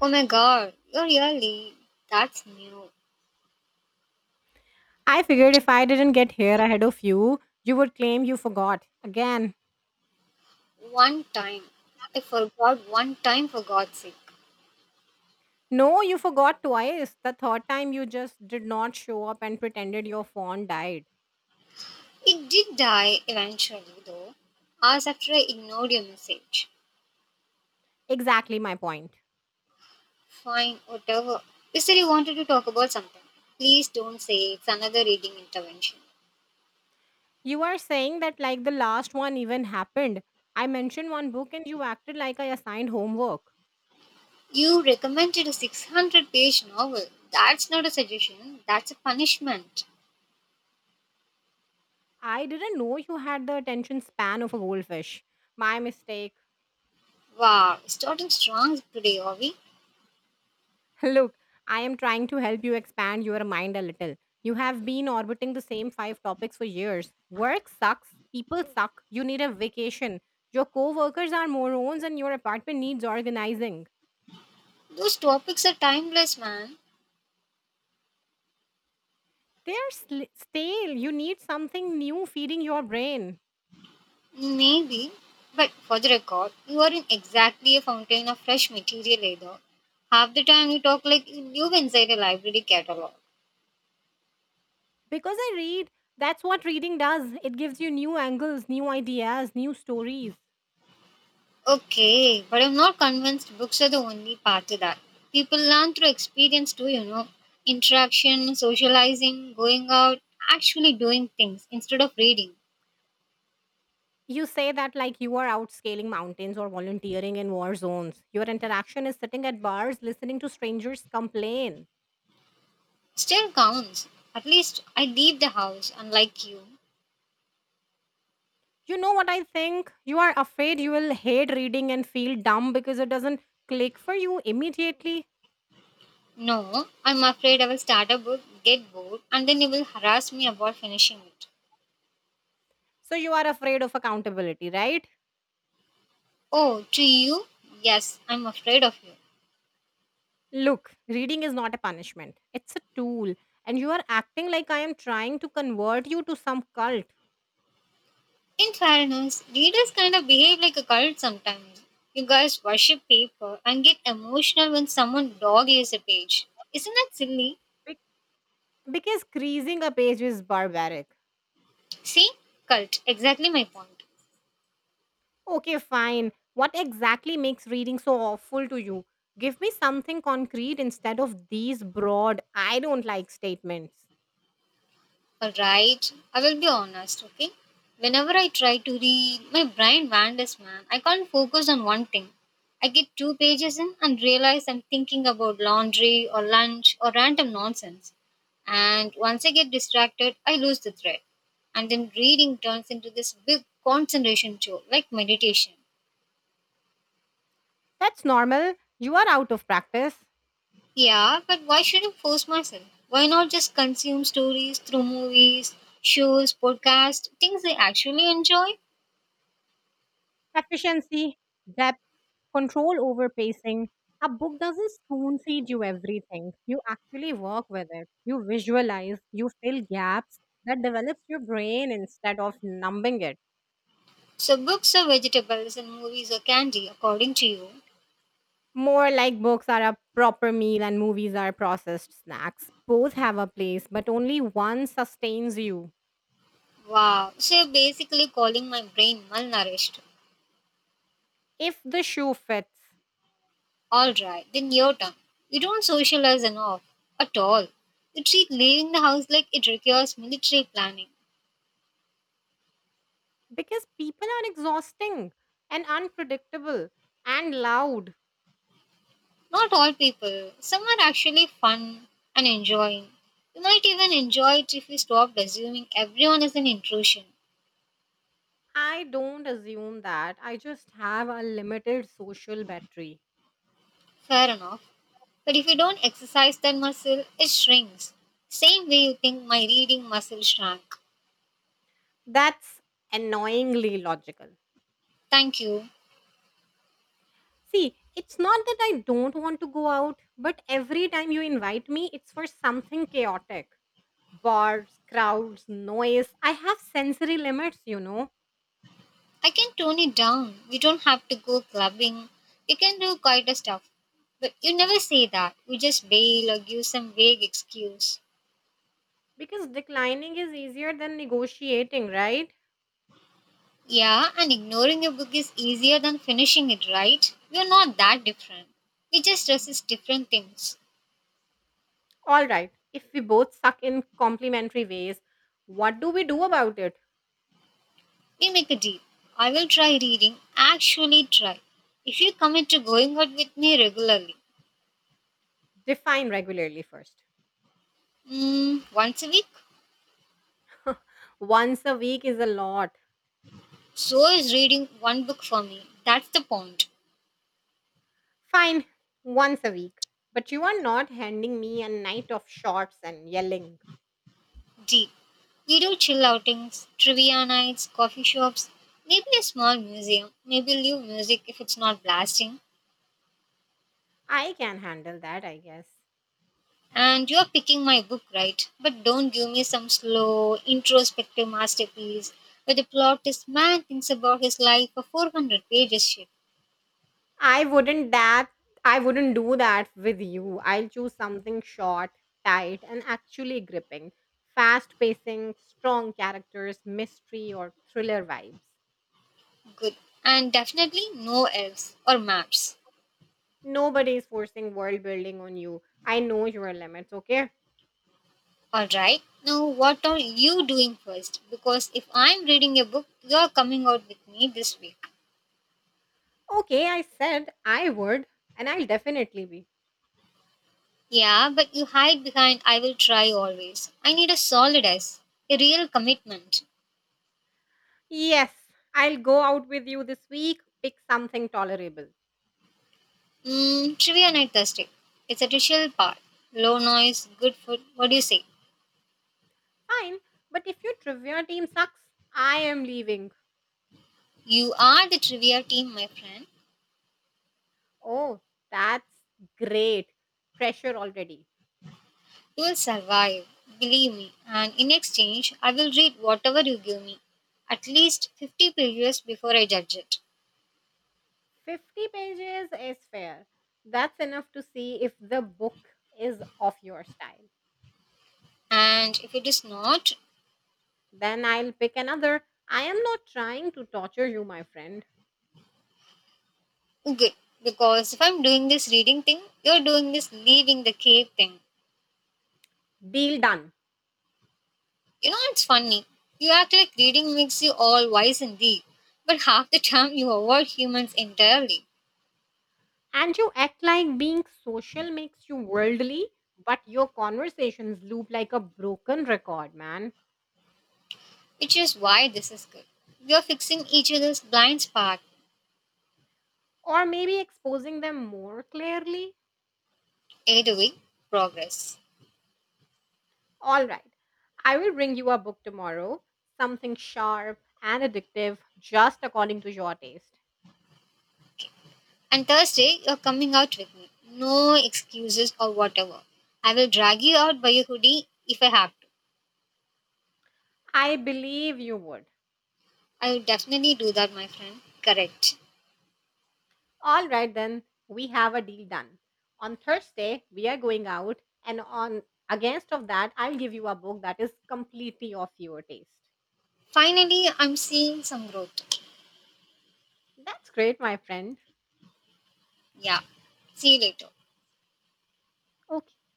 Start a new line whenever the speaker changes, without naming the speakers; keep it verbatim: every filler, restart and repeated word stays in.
Oh my god, you're really that's new.
I figured if I didn't get here ahead of you, you would claim you forgot again.
One time. I forgot one time for God's sake.
No, you forgot twice. The third time you just did not show up and pretended your phone died.
It did die eventually though, hours after I ignored your message.
Exactly my point.
Fine, whatever. You said you wanted to talk about something. Please don't say it's another reading intervention.
You are saying that like the last one even happened. I mentioned one book and you acted like I assigned homework.
You recommended a six hundred page novel. That's not a suggestion, that's a punishment.
I didn't know you had the attention span of a goldfish. My mistake.
Wow, starting strong today, are we?
Look, I am trying to help you expand your mind a little. You have been orbiting the same five topics for years. Work sucks, people suck, you need a vacation, your coworkers are morons, and your apartment needs organizing.
Those topics are timeless, man.
They are sl- stale. You need something new feeding your brain.
Maybe, but for the record, you aren't exactly a fountain of fresh material either. Half the time you talk like you live inside a library catalog.
Because I read, that's what reading does. It gives you new angles, new ideas, new stories.
Okay, but I'm not convinced books are the only part to that. People learn through experience too, you know. Interaction, socializing, going out, actually doing things instead of reading.
You say that like you are out scaling mountains or volunteering in war zones. Your interaction is sitting at bars listening to strangers complain.
Still counts. At least I leave the house, unlike you.
You know what I think? You are afraid you will hate reading and feel dumb because it doesn't click for you immediately.
No, I'm afraid I will start a book, get bored, and then you will harass me about finishing it.
So you are afraid of accountability, right?
Oh, to you? Yes, I'm afraid of you.
Look, reading is not a punishment, it's a tool. And you are acting like I am trying to convert you to some cult.
In fairness, leaders kind of behave like a cult sometimes. You guys worship paper and get emotional when someone dog leaves a page. Isn't that silly?
Be- Because creasing a page is barbaric.
See? Cult. Exactly my point.
Okay, fine. What exactly makes reading so awful to you? Give me something concrete instead of these broad, I don't like statements.
Alright, I will be honest, okay? Whenever I try to read, my brain wanders, man. I can't focus on one thing. I get two pages in and realize I'm thinking about laundry or lunch or random nonsense. And once I get distracted, I lose the thread. And then reading turns into this big concentration chore, like meditation.
That's normal. You are out of practice.
Yeah, but why should I force myself? Why not just consume stories through movies, shows, podcasts, things I actually enjoy?
Efficiency, depth, control over pacing. A book doesn't spoon feed you everything. You actually work with it. You visualize, you fill gaps. That develops your brain instead of numbing it.
So books are vegetables and movies are candy, according to you.
More like books are a proper meal and movies are processed snacks. Both have a place, but only one sustains you
Wow. So you're basically calling my brain malnourished.
if the shoe fits.
Alright, then your turn. You don't socialize enough. At all. You treat leaving the house like it requires military planning.
Because people are exhausting and unpredictable and loud.
Not all people. Some are actually fun and enjoying. You might even enjoy it if you stopped assuming everyone is an intrusion.
I don't assume that. I just have a limited social battery.
Fair enough. But if you don't exercise that muscle, it shrinks. Same way you think my reading muscle shrank.
That's annoyingly logical.
Thank you.
See, it's not that I don't want to go out, but every time you invite me, it's for something chaotic. Bars, crowds, noise. I have sensory limits, you know,
I can tone it down. We don't have to go clubbing. We can do quieter stuff. But you never say that. You just bail or give some vague excuse.
because declining is easier than negotiating, right?
Yeah, and ignoring a book is easier than finishing it, right? We're not that different. We just resist different things.
All right. If we both suck in complementary ways, what do we do about it?
We make a deal. I will try reading, actually try. If you commit to going out with me regularly,
Define regularly first.
mm, once a week,
Once a week is a lot.
so is reading one book for me. That's the point.
Fine, once a week. But you are not handing me a night of shots and yelling.
D. We do chill outings, trivia nights, coffee shops, maybe a small museum, maybe live music if it's not blasting.
I can handle that, I guess.
And you're picking my book right, but don't give me some slow, introspective masterpiece where the plot is man thinks about his life for four hundred pages shit.
I wouldn't that I wouldn't do that with you. I'll choose something short, tight, and actually gripping. Fast pacing, strong characters, mystery or thriller vibes.
Good. And definitely no elves or maps.
Nobody is forcing world building on you. I know your limits, okay?
Alright, now what are you doing first? Because if I'm reading a book, you're coming out with me this week.
Okay, I said I would, and I'll definitely be.
Yeah, but you hide behind I will try always. I need a solid S, a real commitment.
Yes, I'll go out with you this week, pick something tolerable.
Mm, trivia night Thursday. It's a ritual part. Low noise, good food. What do you say?
Fine, but if your trivia team sucks, I am leaving.
You are the trivia team, my friend.
Oh, that's great. Pressure already.
You will survive, believe me. And in exchange, I will read whatever you give me. At least fifty pages before I judge it.
fifty pages is fair. That's enough to see if the book is of your style.
And if it is not,
Then I'll pick another. I am not trying to torture you, my friend.
good. Because if I'm doing this reading thing, you're doing this leaving the cave thing.
Deal done.
You know, it's funny. You act like reading makes you all wise and deep, but half the time you avoid humans entirely,
And you act like being social makes you worldly, but your conversations loop like a broken record, man.
which is why this is good. We are fixing each other's blind spot.
Or maybe exposing them more clearly.
Either way, progress.
All right. I will bring you a book tomorrow, something sharp and addictive, just according to your taste.
And Thursday, you're coming out with me. No excuses or whatever. I will drag you out by your hoodie if I have to.
I believe you would.
I will definitely do that, my friend. Correct.
All right, then, we have a deal done. On Thursday, we are going out, and on against of that, I'll give you a book that is completely of your taste.
Finally, I'm seeing some growth.
That's great, my friend.
Yeah. See you later.
Okay.